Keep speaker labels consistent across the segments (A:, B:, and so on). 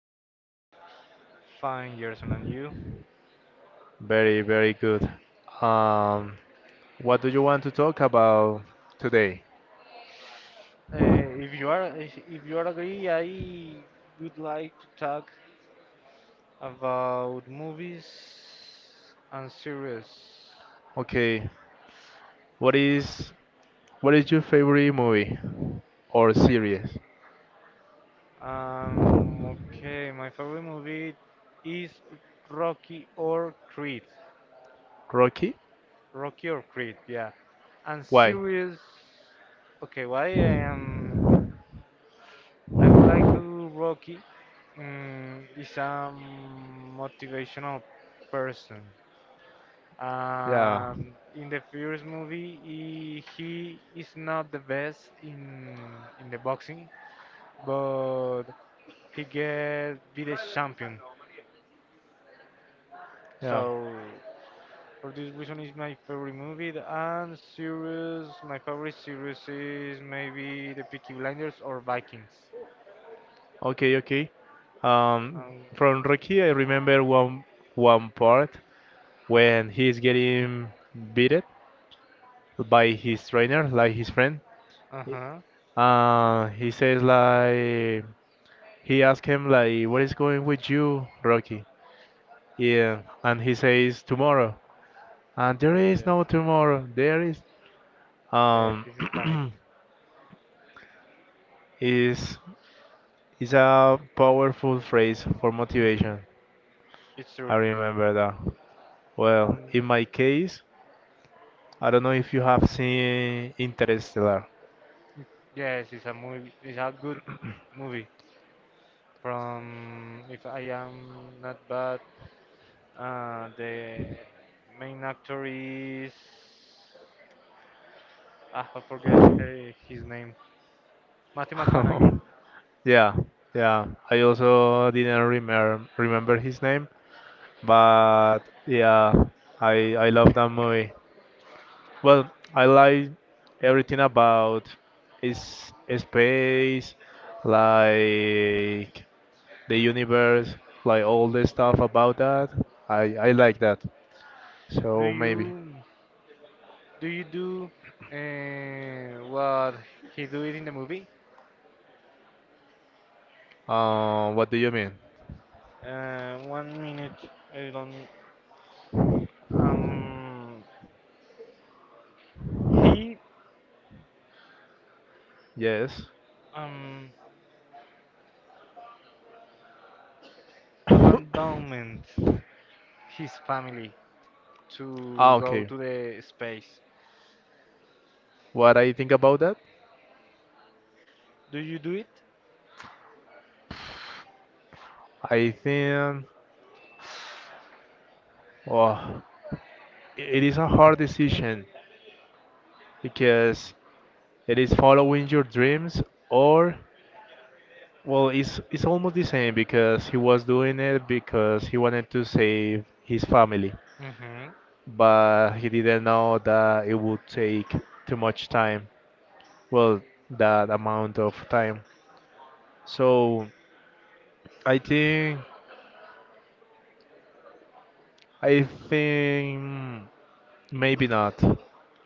A: you?
B: Fine, Gerson, and you?
A: Very, very good. Um, what do you want to talk about today?
B: If you are if you are agree, I would like to talk about movies and series.
A: Okay. What is what is your favorite movie or
B: My
A: series?
B: okay, my favorite movie is Rocky or Creed.
A: Rocky?
B: Rocky or Creed, yeah. And
A: Why?
B: series, okay, why um I would like to Rocky. Is a motivational person.
A: Yeah,
B: In the first movie, he is not the best in the boxing, but he get be the champion.
A: yeah.
B: So for this reason, is my favorite movie The- and series. My favorite series is maybe The Peaky Blinders or Vikings.
A: Okay, okay. Um,
B: Um,
A: from Rocky, I remember one part when he's getting beaten by his trainer, like his friend.
B: uh huh.
A: He says like he asked him like, "What is going with you, Rocky?" Yeah, and he says tomorrow. And there
B: Okay,
A: is
B: yes,
A: no tomorrow. There is
B: yes,
A: um
B: it's iconic.
A: is is a powerful phrase for
B: Mhm,
A: motivation.
B: it's true.
A: I remember that. Well,
B: Um,
A: in my case, I don't know if you have seen Interstellar.
B: yes, it's a movie. It's a good movie. From, if I am not bad, the main actor is. Ah, I forget her, his name. Matthew McConaughey.
A: Yeah, yeah. I also didn't remember his name, but yeah, I love that movie. Well, I like everything about is space, like the universe, like all the stuff about that. I like that.
B: Do
A: So maybe.
B: you do you do What he do it in the movie?
A: What do you mean?
B: One minute. I don't. Um, he
A: Yes.
B: um abandoned his family
A: Ah,
B: to go
A: okay.
B: to the space.
A: What I think about that?
B: Do you do it?
A: I think, oh, it is a hard decision because it is following your dreams, or well, it's almost the same because he was doing it because he wanted to save his family,
B: Mm-hmm.
A: but he didn't know that it would take too much time. Well, that amount of time. So I think I think maybe not,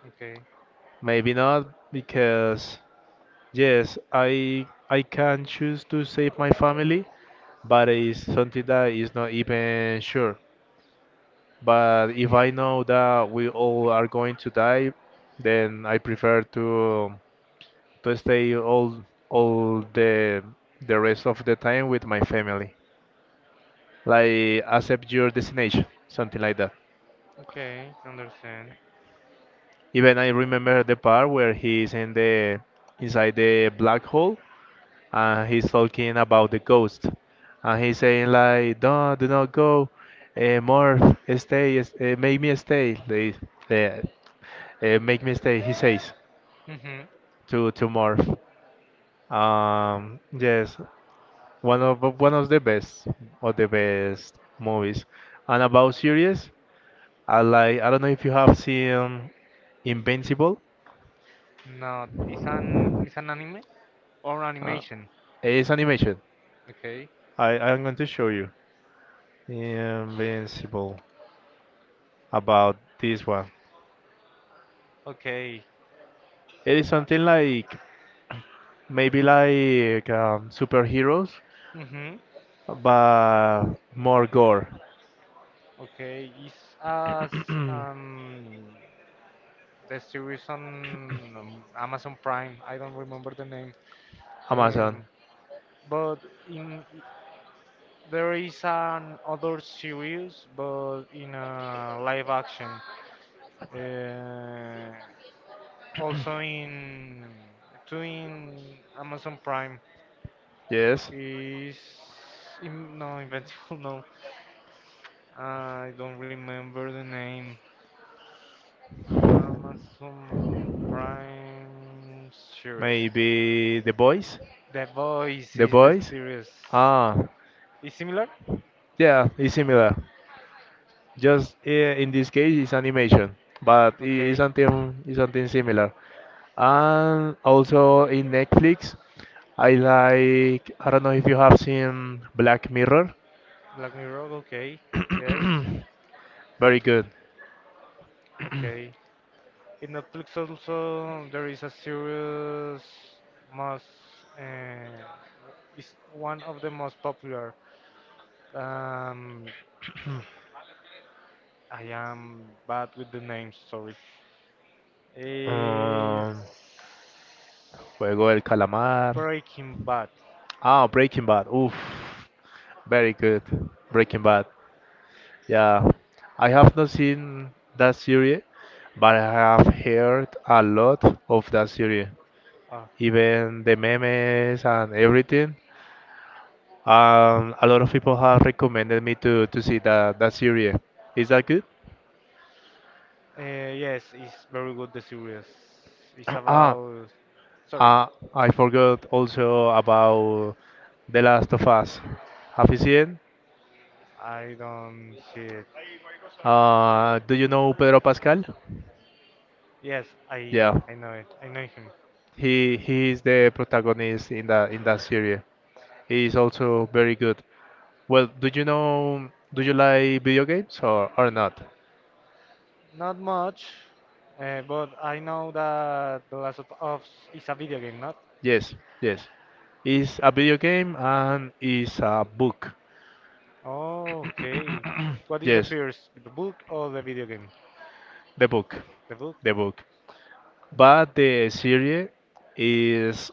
B: Okay.
A: maybe not because yes, I can choose to save my family, but it's something that is not even sure. But if I know that we all are going to die, then I prefer to stay all the rest of the time with my family. Like accept your destination, something like that.
B: Okay, understand.
A: Even I remember the part where he is in the inside the black hole and he's talking about the ghost and he's saying like no do not go more stay make me stay they uh, make me stay he says
B: Mm-hmm.
A: to morph. Yes, one of the best movies. And about series, I like. I don't know if you have seen Invincible.
B: Not. It's an anime or
A: Uh,
B: animation.
A: it's animation.
B: Okay.
A: I'm going to show you Invincible about this one.
B: Okay.
A: It is something like maybe like superheroes,
B: Mm-hmm.
A: but more gore.
B: Okay. It's as um the series on Amazon Prime. I don't remember the name.
A: Amazon.
B: Um, but in there is an other series, but in a live action. Uh, Also in two in Amazon Prime.
A: Yes,
B: Is im- no Invincible? No, I don't remember the name. Amazon Prime series.
A: maybe The Boys.
B: The Voice
A: The
B: is the
A: voice?
B: series.
A: Ah,
B: Is similar?
A: yeah, it's similar. Just in this case, it's animation, but it is
B: Okay.
A: something, it's something similar. And also in Netflix, I don't know if you have seen Black Mirror.
B: Black Mirror. Okay. Yes.
A: Very good.
B: Okay. In Netflix also there is a series most. Uh, is one of the most popular. Um, I am bad with the names. Sorry. Is
A: Um, Juego del Calamar.
B: Breaking Bad.
A: Ah, Breaking Bad. Oof, very good. Breaking Bad. Yeah, I have not seen that series, but I have heard a lot of that series,
B: Ah,
A: even the memes and everything. A lot of people have recommended me to see that series. Is that good?
B: yes, it's very good. The series. It's about. Sorry,
A: Ah, uh, I
B: tell me.
A: forgot also about The Last of Us. Have you seen?
B: I don't see it.
A: Do you know Pedro Pascal?
B: Yes, I
A: Yeah,
B: I know it. I know him.
A: he is the protagonist in the in that series. He is also very good. Well, do you like video games or not?
B: Not much, but I know that The Last of Us is a video game, not?
A: Yes, yes. It's a video game and it's a book.
B: Oh, okay. What is the
A: Yes,
B: first, the book or the video game?
A: the book,
B: The book.
A: the book. But the series is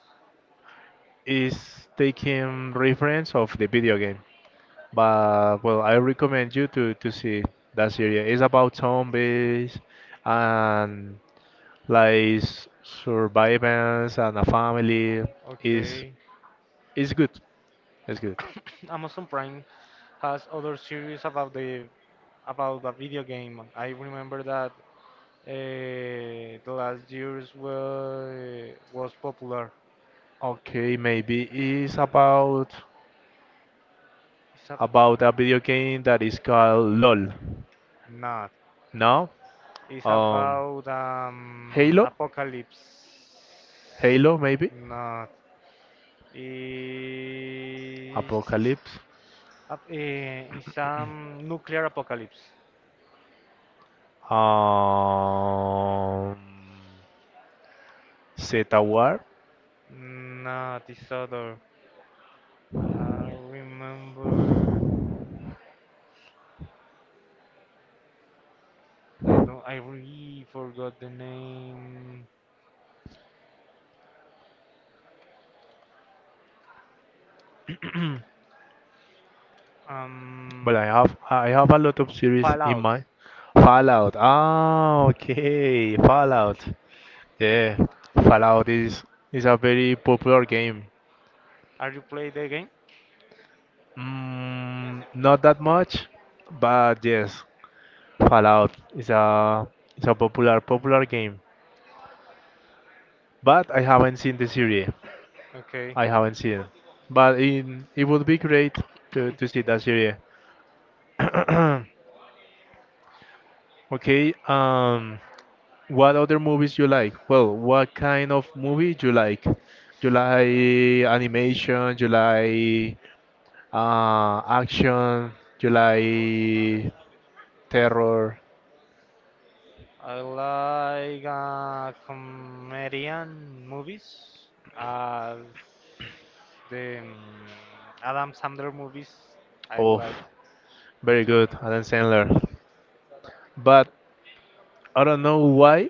A: is taking reference of the video game. But well, I recommend you to see that series. It's about zombies and like survivance and a family. is
B: Okay.
A: is good. That's good.
B: Amazon Prime has other series about the about a video game. I remember that the last years were, was popular.
A: Okay, maybe it's about
B: It's a,
A: a video game that is called LOL.
B: not.
A: No?
B: It's
A: Um
B: about
A: Halo?
B: apocalypse.
A: Halo maybe?
B: Not. It's,
A: Apocalypse.
B: a, it's nuclear apocalypse.
A: Um Zeta War.
B: Not this other. I remember. I don't. I really forgot the name.
A: But
B: Um,
A: I have a lot of series in
B: Fallout.
A: mind. Fallout. Ah, okay. Fallout. Yeah. Fallout is a very popular game.
B: Are you play the game?
A: Mm, not that much, but yes, Fallout is a popular game, but I haven't seen the series.
B: Okay.
A: I haven't seen, but it would be great to see that series. Okay. What other movies you like? Well, what kind of movie you like? You like animation? You like action? You like terror?
B: I like comedian movies as the Adam Sandler movies. I
A: Of
B: like
A: very
B: too.
A: good, Adam Sandler. But I don't know why,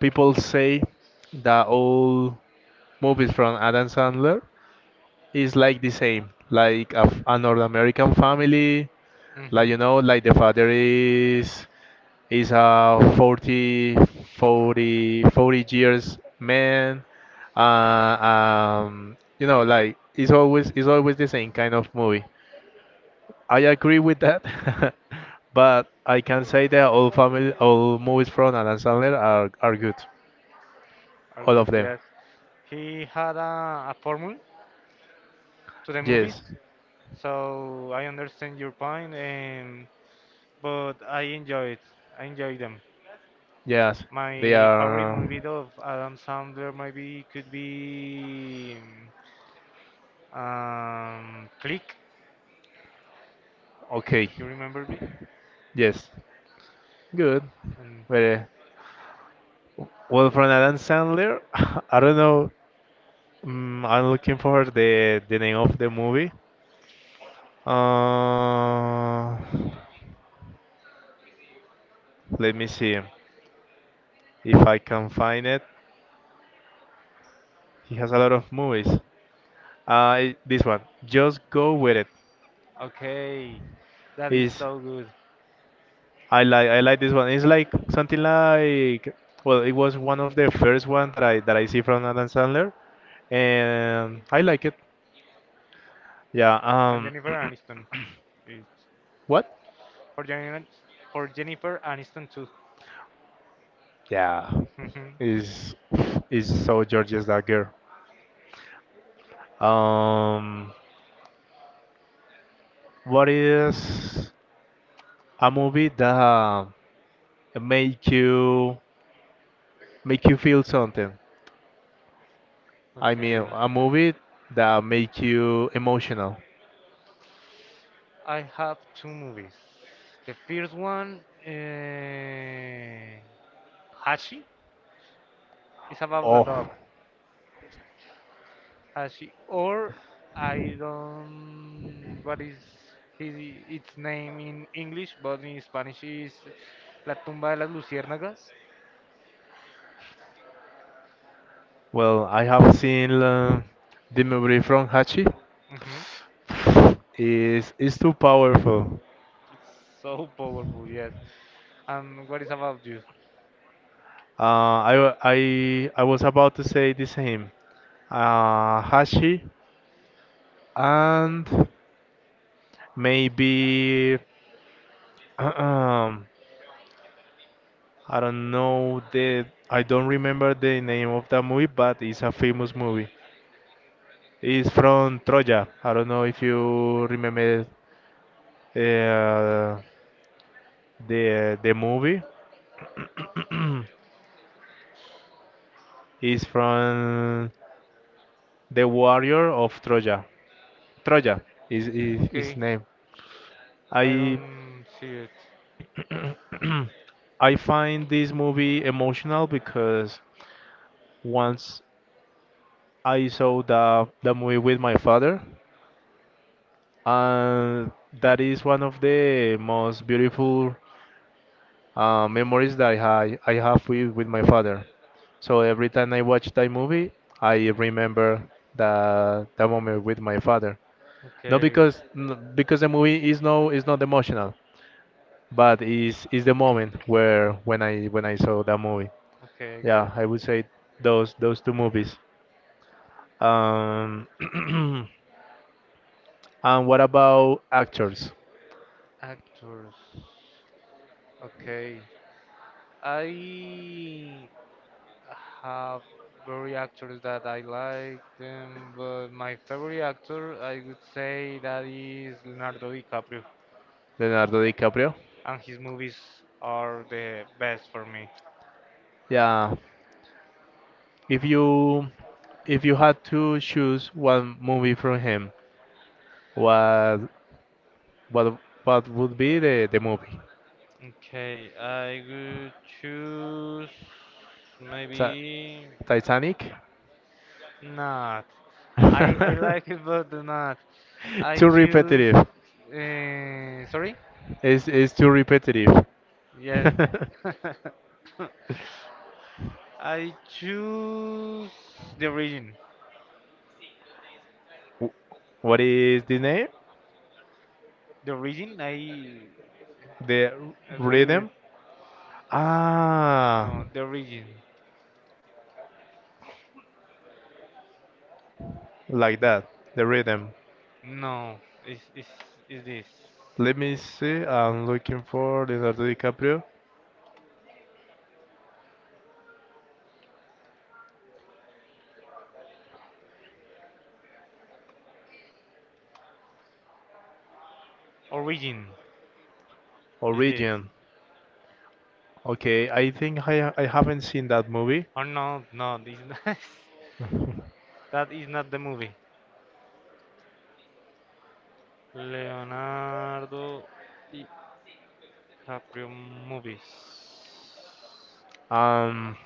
A: people say that all movies from Adam Sandler is like the same, like a North American family, like
B: Mm-hmm.
A: you know, like the father is a 40 years man, like it's always the same kind of movie. I agree with that, but I can say that all family, all movies from Adam Sandler are good,
B: Are
A: all
B: good.
A: of them.
B: Yes. He had a formula to the movies,
A: Yes.
B: so I understand your point. But I enjoy it. I enjoy them.
A: Yes, they
B: My favorite
A: are
B: movie of Adam Sandler maybe could be. Click,
A: okay.
B: you remember me?
A: Yes, good.
B: And
A: Very well from Adam Sandler. I don't know. Mm, I'm looking for the name of the movie. Uh, let me see if I can find it. He has a lot of movies. This one, just go with it.
B: okay, that is
A: Is
B: so good.
A: I like this one. It's like something like well, it was one of the first one that I see from Adam Sandler and I like it. Yeah.
B: And Jennifer Aniston. It's
A: What?
B: for Jennifer, for Jennifer Aniston too.
A: Yeah. Is is so gorgeous that girl. Um. What is a movie that make you make you feel something? I mean,
B: Okay.
A: a movie that make you emotional.
B: I have two movies. The first one, uh, Hashi, is about the
A: Oh.
B: dog. Hashi, or I don't. What is his its name in English? But in Spanish is La tumba de las luciérnagas.
A: Well, I have seen the movie from Hachi.
B: Mhm.
A: Is too powerful.
B: It's so powerful, yes. And what is about you?
A: I was about to say the same. Hashi and maybe um, I don't know the I don't remember the name of that movie, but it's a famous movie. It's from Troya. I don't know if you remember uh, the movie. It's from the warrior of Troya. Troya is his
B: Okay,
A: name.
B: I
A: I
B: don't see it.
A: I find this movie emotional because once I saw the movie with my father, and that is one of the most beautiful memories that I have with my father. So every time I watch that movie, I remember the moment with my father. Not
B: Okay,
A: because the movie is no is not emotional, but is the moment where when I saw that movie.
B: okay, I get
A: Yeah,
B: it.
A: I would say those two movies. Um, and what about actors?
B: Actors. Okay, I have very actors that I like them, but my favorite actor, I would say that is Leonardo DiCaprio,
A: Leonardo DiCaprio?
B: and his movies are the best for me.
A: Yeah, if you if you had to choose one movie from him, what what what would be the movie?
B: Okay, I would choose
A: Ti-
B: maybe.
A: Titanic?
B: Not. I like it, but not. I
A: Too
B: choose.
A: repetitive.
B: Sorry.
A: It's too repetitive.
B: Yes. I choose the origin.
A: Wh- What is the name?
B: The origin.
A: The
B: I believe it.
A: rhythm? Ah,
B: No, the origin.
A: like that, the rhythm.
B: No, is is is this
A: Let me see. I'm looking for Leonardo DiCaprio.
B: origin? Is this?
A: Origin. Okay, I think I haven't seen that movie.
B: Or no, no, this that is not the movie. Leonardo DiCaprio movies.
A: Um,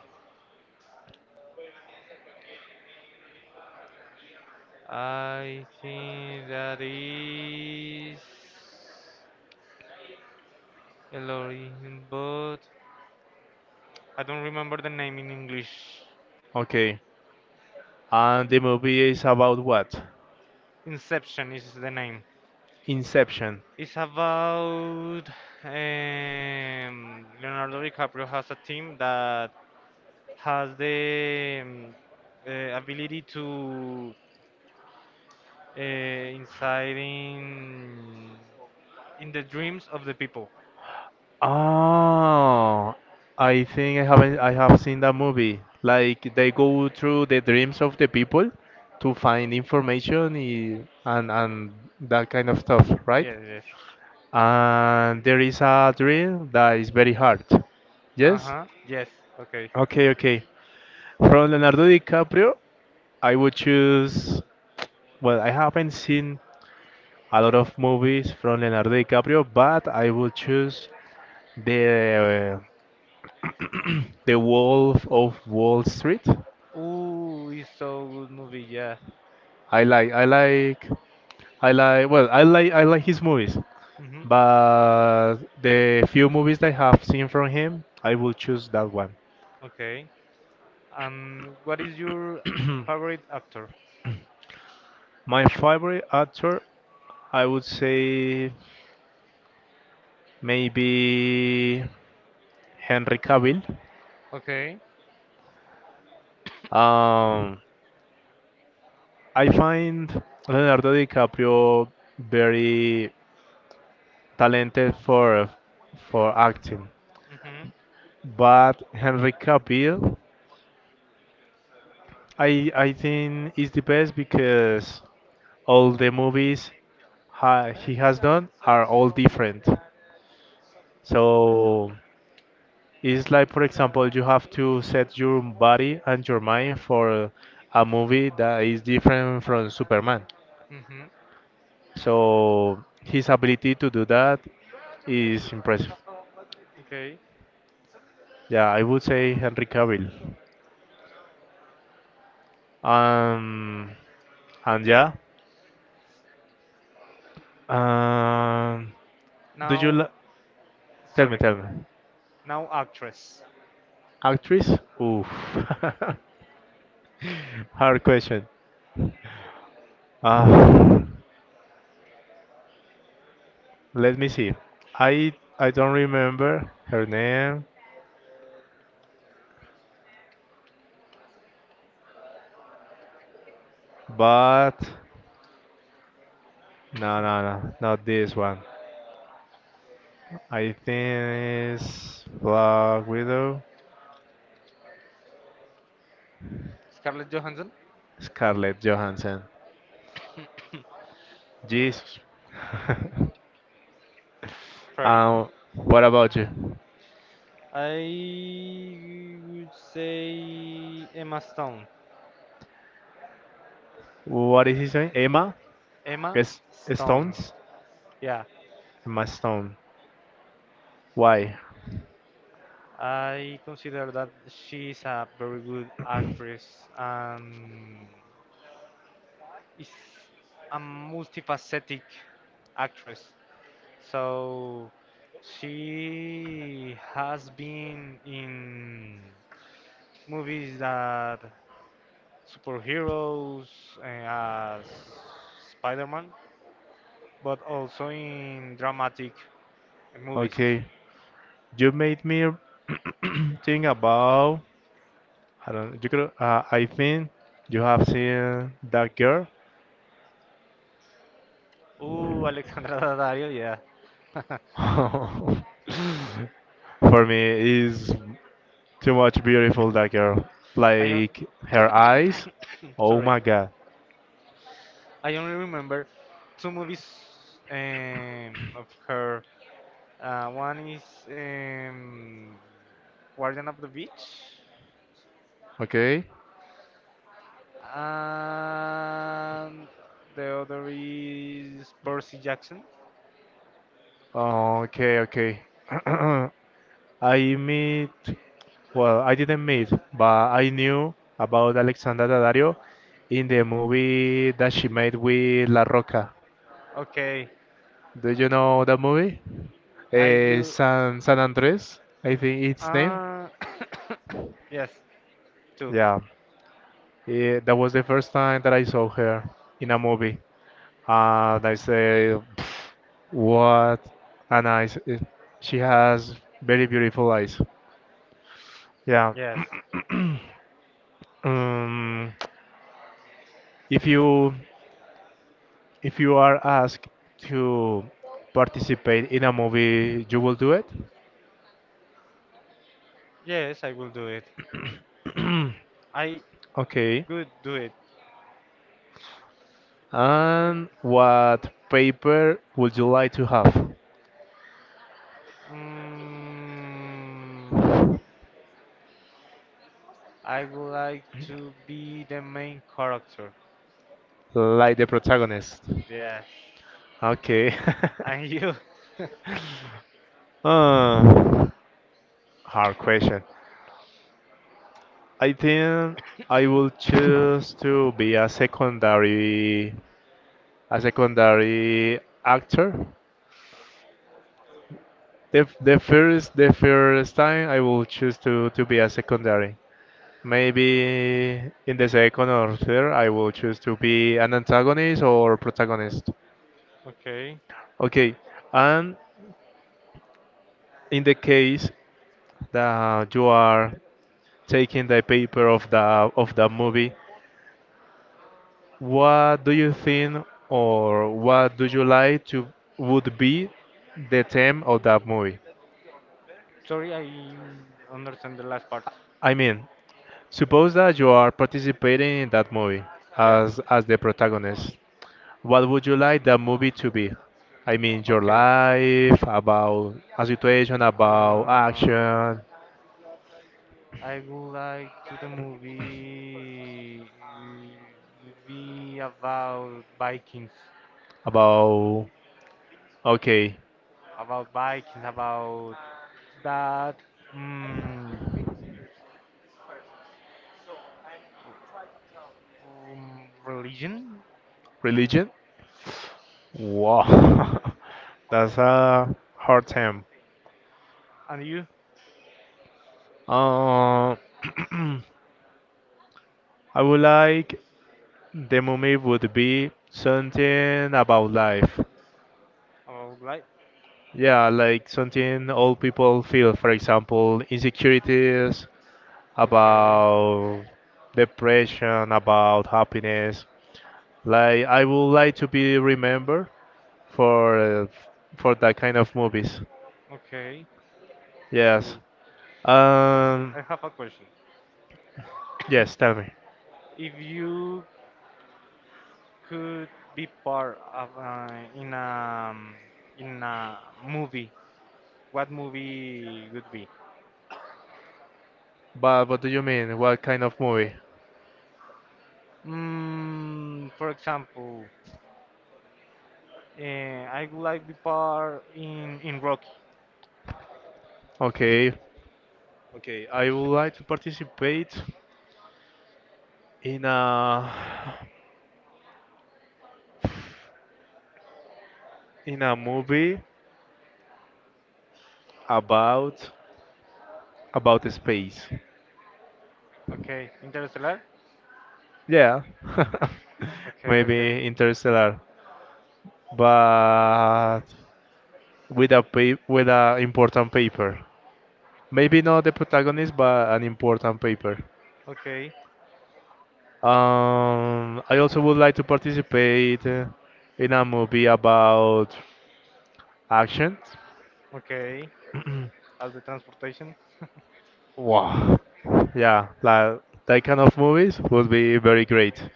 B: I think that is Elohim, but I don't remember the name in English.
A: okay. And the movie is about what?
B: Inception is the name.
A: Inception.
B: It's about Leonardo DiCaprio has a team that has the ability to inside in the dreams of the people.
A: Oh, I think I haven't I have seen that movie. Like they go through the dreams of the people to find information and that kind of stuff, right?
B: Yes, yes.
A: And there is a drill that is very hard. Yes?
B: Uh-huh. Yes. Okay.
A: Okay, okay. From Leonardo DiCaprio, I would choose. Well, I haven't seen a lot of movies from Leonardo DiCaprio, but I would choose the uh, the Wolf of Wall Street.
B: Ooh, it's so good movie, yeah.
A: I like, I like, I like. Well, I like his movies,
B: Hmm.
A: but the few movies that I have seen from him, I will choose that one.
B: Okay. And what is your favorite actor?
A: My favorite actor I would say maybe Henry Cavill.
B: Okay.
A: Um, I find Leonardo DiCaprio very talented for acting,
B: Hmm.
A: but Henry Cavill, I think is the best because all the movies ha he has done are all different. So it's like, for example, you have to set your body and your mind for a movie that is different from Superman.
B: Hmm.
A: So his ability to do that is impressive.
B: Okay.
A: Yeah, I would say Henry Cavill. Um, and yeah, um, do you
B: Now,
A: li-
B: sorry.
A: tell me,
B: Now actress.
A: actress? Oof, hard question. Uh, let me see. I I don't remember her name, but no, no, no, not this one. I think it's Black Widow,
B: Scarlett Johansson?
A: Scarlett Johansson. Jesus.
B: Pretty.
A: What about you?
B: I would say Emma Stone.
A: What is his name? Emma?
B: Emma
A: Yes,
B: Stone.
A: Stones?
B: Yeah.
A: Emma Stone. Why?
B: I consider that she's a very good actress and is a multifaceted actress. So she has been in movies that superheroes as Spider-Man, but also in dramatic movies.
A: Okay, you made me think about. I don't. You could. I think you have seen that girl.
B: Ooh, Alexandra Daddario, yeah.
A: For me, is too much beautiful that girl.
B: I don't
A: Like her eyes. Oh
B: sorry.
A: my god.
B: I only remember two movies of her. One is um, Guardian of the Beach,
A: Okay.
B: and the other is Percy Jackson.
A: Okay, okay. I meet well, I didn't meet, but I knew about Alexandra Daddario in the movie that she made with La Roca.
B: Okay,
A: Do you know that movie?
B: I will.
A: San Andres, I think it's name.
B: Uh, yes, two.
A: Yeah. That was the first time that I saw her in a movie. And I say, what? And she has very beautiful eyes. Yeah.
B: Yes,
A: Um, if you if you are asked to participate in a movie, you will do it.
B: yes, I will do it. I
A: Okay.
B: could do it.
A: And what paper would you like to have?
B: Mm, I would like to be the main character.
A: Like the protagonist.
B: Yes,
A: Okay.
B: and you.
A: uh, hard question. I think I will choose to be a secondary actor. The first time I will choose to be a secondary. Maybe in the second or third I will choose to be an antagonist or protagonist.
B: Okay.
A: Okay, and in the case that you are taking the paper of the movie, what do you think, or what do you like to would be the theme of that movie?
B: Sorry, I understand the last part.
A: I mean, suppose that you are participating in that movie
B: Yeah.
A: as the protagonist. What would you like that movie to be? I mean, your
B: Okay.
A: life, about a situation, about
B: Um,
A: action,
B: I would like to the movie be about Vikings,
A: about okay,
B: about Vikings, about that mm, religion
A: religion. Wow, that's a hard term.
B: and you
A: Uh, I would like the movie would be something about life.
B: about life.
A: Yeah, like something all people feel. For example, insecurities
B: Okay.
A: about depression, about happiness. Like I would like to be remembered for uh, for that kind of movies.
B: Okay.
A: Yes.
B: So
A: Um.
B: I have a question.
A: Yes. Tell me.
B: If you could be part of in a in a movie? What movie would be?
A: But what do you mean? What kind of movie?
B: Mm, for example, I would like to be part in Rocky.
A: Okay. Okay. I would like to participate in a in a movie about space.
B: Okay, Interstellar.
A: Yeah,
B: Okay, okay,
A: maybe Interstellar, but with a important paper. Maybe not the protagonist, but an important paper.
B: okay,
A: I also would like to participate in a movie about action.
B: okay. As the transportation.
A: Wow. Yeah, like that kind of movies would be very great.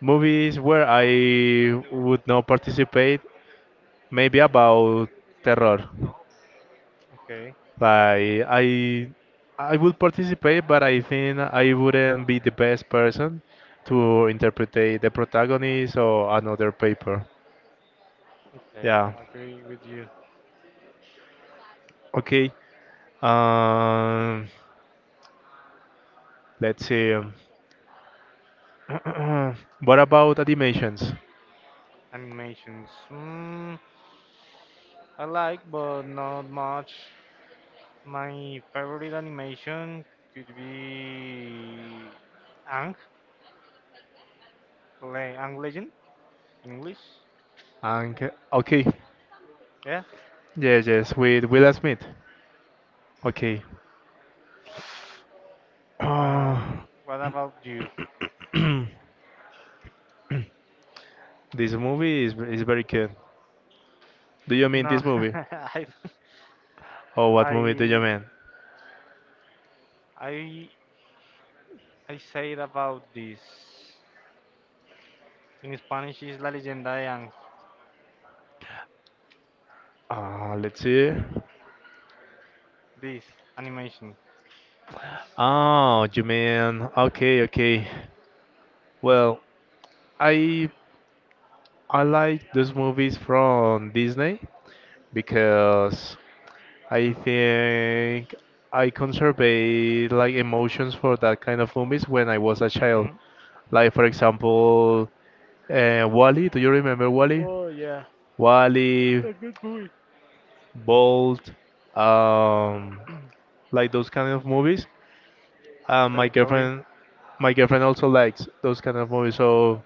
A: Movies where I would not participate maybe about terror.
B: Okay,
A: Like I would participate, but I think I wouldn't be the best person to interpret the protagonist or another paper.
B: okay.
A: Yeah.
B: I agree with you.
A: Okay. Um, let's see. What about animations?
B: Animations. Mm, I like, but not much. My favorite animation could be Ang, Le Ang Legend, English.
A: And okay.
B: Yeah.
A: Yes, yes, with Will Smith. Okay. Uh,
B: Um, what about you?
A: this movie is very good. Do you mean
B: No,
A: this movie? Oh, what movie do you
B: I,
A: mean?
B: I, I said about this. In Spanish is La Leyenda de Ang.
A: Let's see.
B: This animation.
A: Oh, you mean okay, okay. Well, I I like those movies from Disney because I think I conservate like emotions for that kind of movies when I was a child.
B: Mm-hmm.
A: Like for example, Wally. Do you remember Wally?
B: Oh yeah,
A: Wally,
B: it's a good movie.
A: Bolt, um, like those kind of movies. Uh, my
B: Sorry, sorry.
A: girlfriend, my girlfriend also likes those kind of movies. So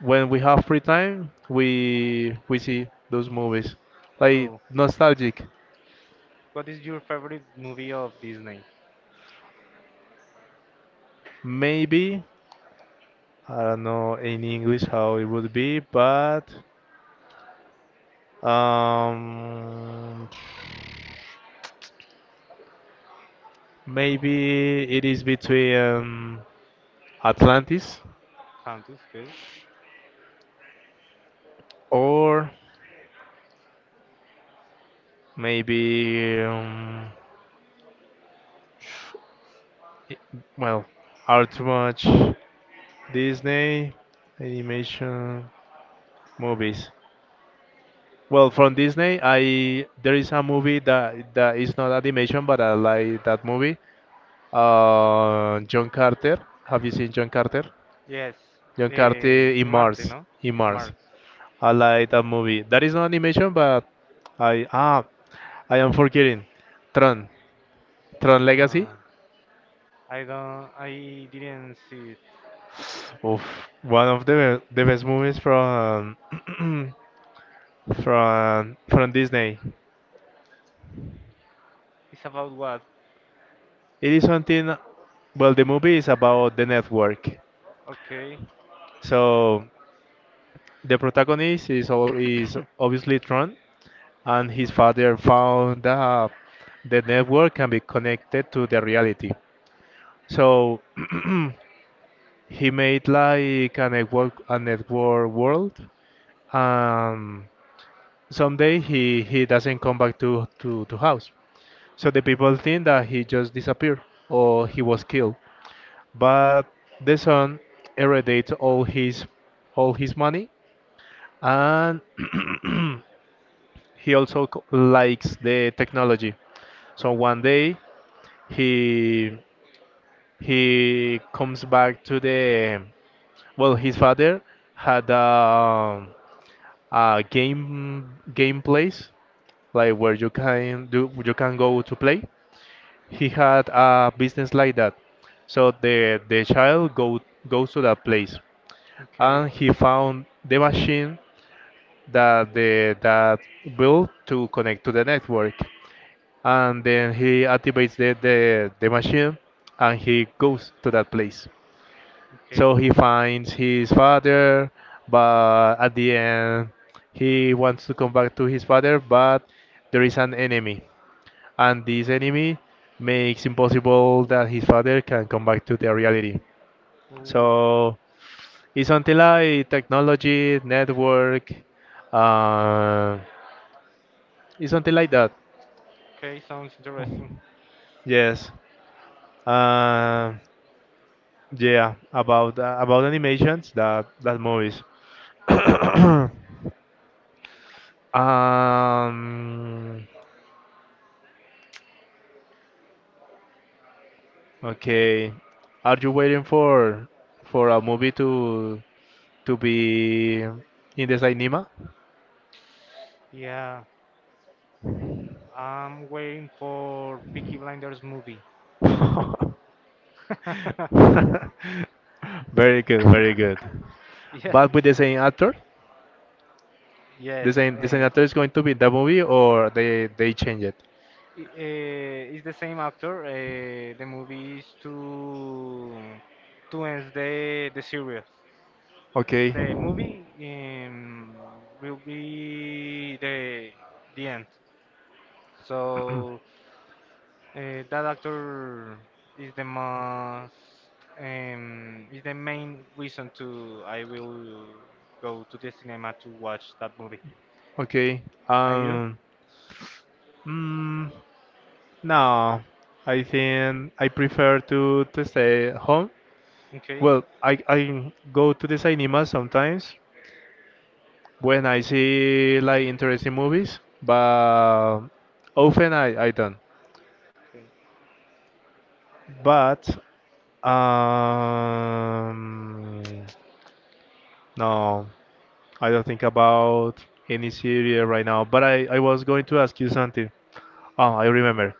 A: when we have free time, we see those movies, like
B: Cool.
A: nostalgic.
B: What is your favorite movie of Disney?
A: Maybe I don't know in English how it would be, but um, maybe it is between Atlantis
B: Countess, okay.
A: or maybe i- well, are too much Disney animation. Movies. Well, from Disney, I there is a movie that is not animation, but I like that movie. John Carter. Have you seen John Carter?
B: Yes,
A: John Carter
B: eh,
A: in
B: Marte,
A: Mars.
B: no?
A: In Mars.
B: Mars.
A: I like that movie. That is not animation, but I I am forgetting. Tron. Tron Legacy.
B: Uh, I don't. I didn't see it.
A: Oof, one of the best movies from from Disney.
B: It's about what?
A: It is something. Well, the movie is about the network.
B: Okay,
A: So the protagonist is all, is obviously Tron, and his father found that the network can be connected to the reality. So he made like a network world. Um, someday he doesn't come back to house. So the people think that he just disappeared or he was killed. But the son heredates all his money and he likes the technology. So one day he he comes back to the well his father had a game game place like where you can do you can go to play. He had a business like that. So the child go goes to that place
B: okay,
A: and he found the machine that the that built to connect to the network. And then he activates the machine and he goes to that place.
B: okay,
A: So he
B: cool.
A: finds his father, but at the end he wants to come back to his father, but there is an enemy, and this enemy makes impossible that his father can come back to the reality.
B: Ooh,
A: So it's something like technology, network, uh, it's something like that.
B: okay, sounds interesting.
A: Yes. Uh, yeah, about animations that that movies. um, okay, are you waiting for a movie to be in the cinema?
B: Yeah, I'm waiting for Peaky Blinders movie.
A: Very good, very good.
B: Yeah,
A: But with the same actor,
B: yes.
A: the same actor is going to be in the movie, or they change it.
B: It's the same actor. The movie is to end the series.
A: Okay,
B: The movie will be the end. So that actor is the most is the main reason to I will go to the cinema to watch that movie.
A: okay.
B: Are you
A: Um. Mm, no, I think I prefer to stay home.
B: okay?
A: Well, I go to the cinema sometimes when I see like interesting movies, but often I don't.
B: Okay.
A: But um no, I don't think about any series right now. But I was going to ask you something. Oh, I remember.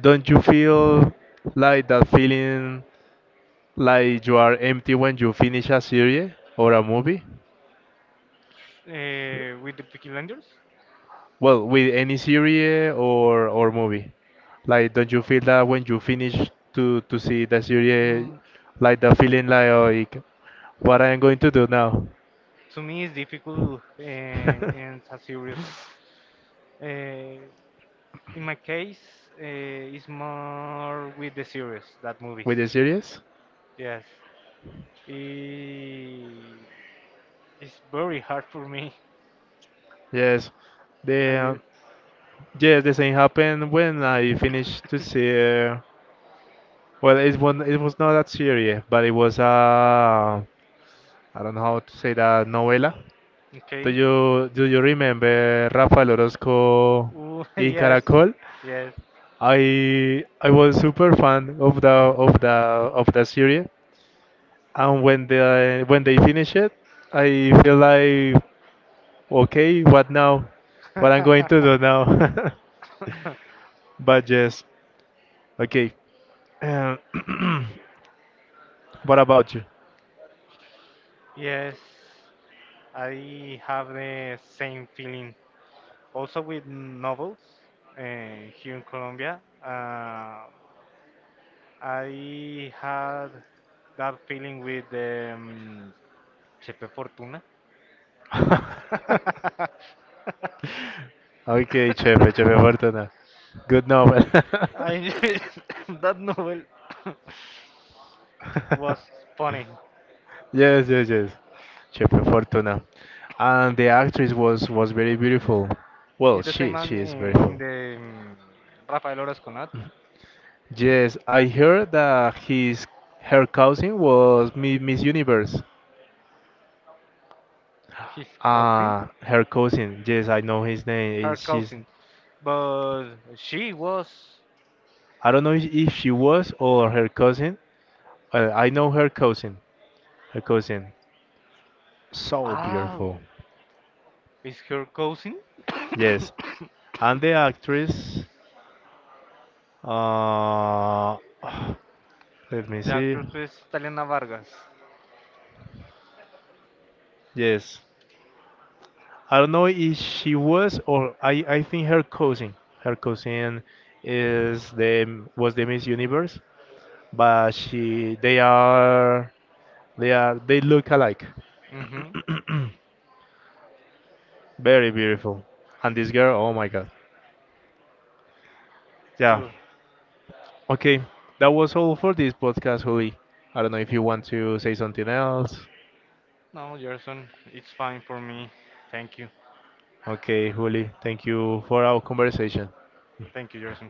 A: Don't you feel like that feeling? Like you are empty when you finish a series or a movie?
B: With the Peaky Blinders?
A: Well, with any series or movie. Like don't you feel that when you finish to see the series
B: Mm,
A: like the feeling like like what I am going to do now?
B: to me, it's difficult and it's a serious. Uh, In my case, it's more with the series than movies.
A: With the series?
B: Yes, I- it's very hard for me.
A: Yes. The
B: Are you
A: yes, the same happened when I finished to see well it was not that series, but it was I don't know how to say that novela.
B: okay?
A: Do you remember Rafael Orozco
B: Ooh,
A: in
B: yes,
A: Caracol?
B: yes,
A: I was super fan of the of the of the series, and when they finish it, I feel like okay, what now? What I'm going to do now? But yes, okay. Um, what about you?
B: yes. I have the same feeling. Also with novels here in Colombia, I had that feeling with Chepe Fortuna.
A: Okay, Chefe Fortuna. Good novel.
B: I knew that novel was funny.
A: Yes, yes, yes. Chepe Fortuna. And the actress was very beautiful. Well,
B: It's the same man
A: she is
B: in
A: beautiful.
B: the Rafael Orozco,
A: Yes, I heard that his her cousin was Miss Universe.
B: his cousin,
A: Ah, her cousin. Yes, I know his name.
B: her
A: She's
B: cousin, but she was
A: I don't know if she was or her cousin. I know her cousin. Her cousin. So
B: oh,
A: beautiful.
B: is her cousin?
A: Yes, and the actress. Uh, let me
B: the
A: see.
B: actress is Taliana Vargas.
A: Yes. I don't know if she was I think her cousin. Her cousin is the was the Miss Universe, but she they are they are they look alike.
B: Mm-hmm.
A: Very beautiful. And this girl, oh my god. Yeah.
B: So
A: Okay. That was all for this podcast, Juli. I don't know if you want to say something else.
B: no, Gerson, it's fine for me. Thank you,
A: Okay, Juli, thank you for our conversation.
B: thank you, Gerson.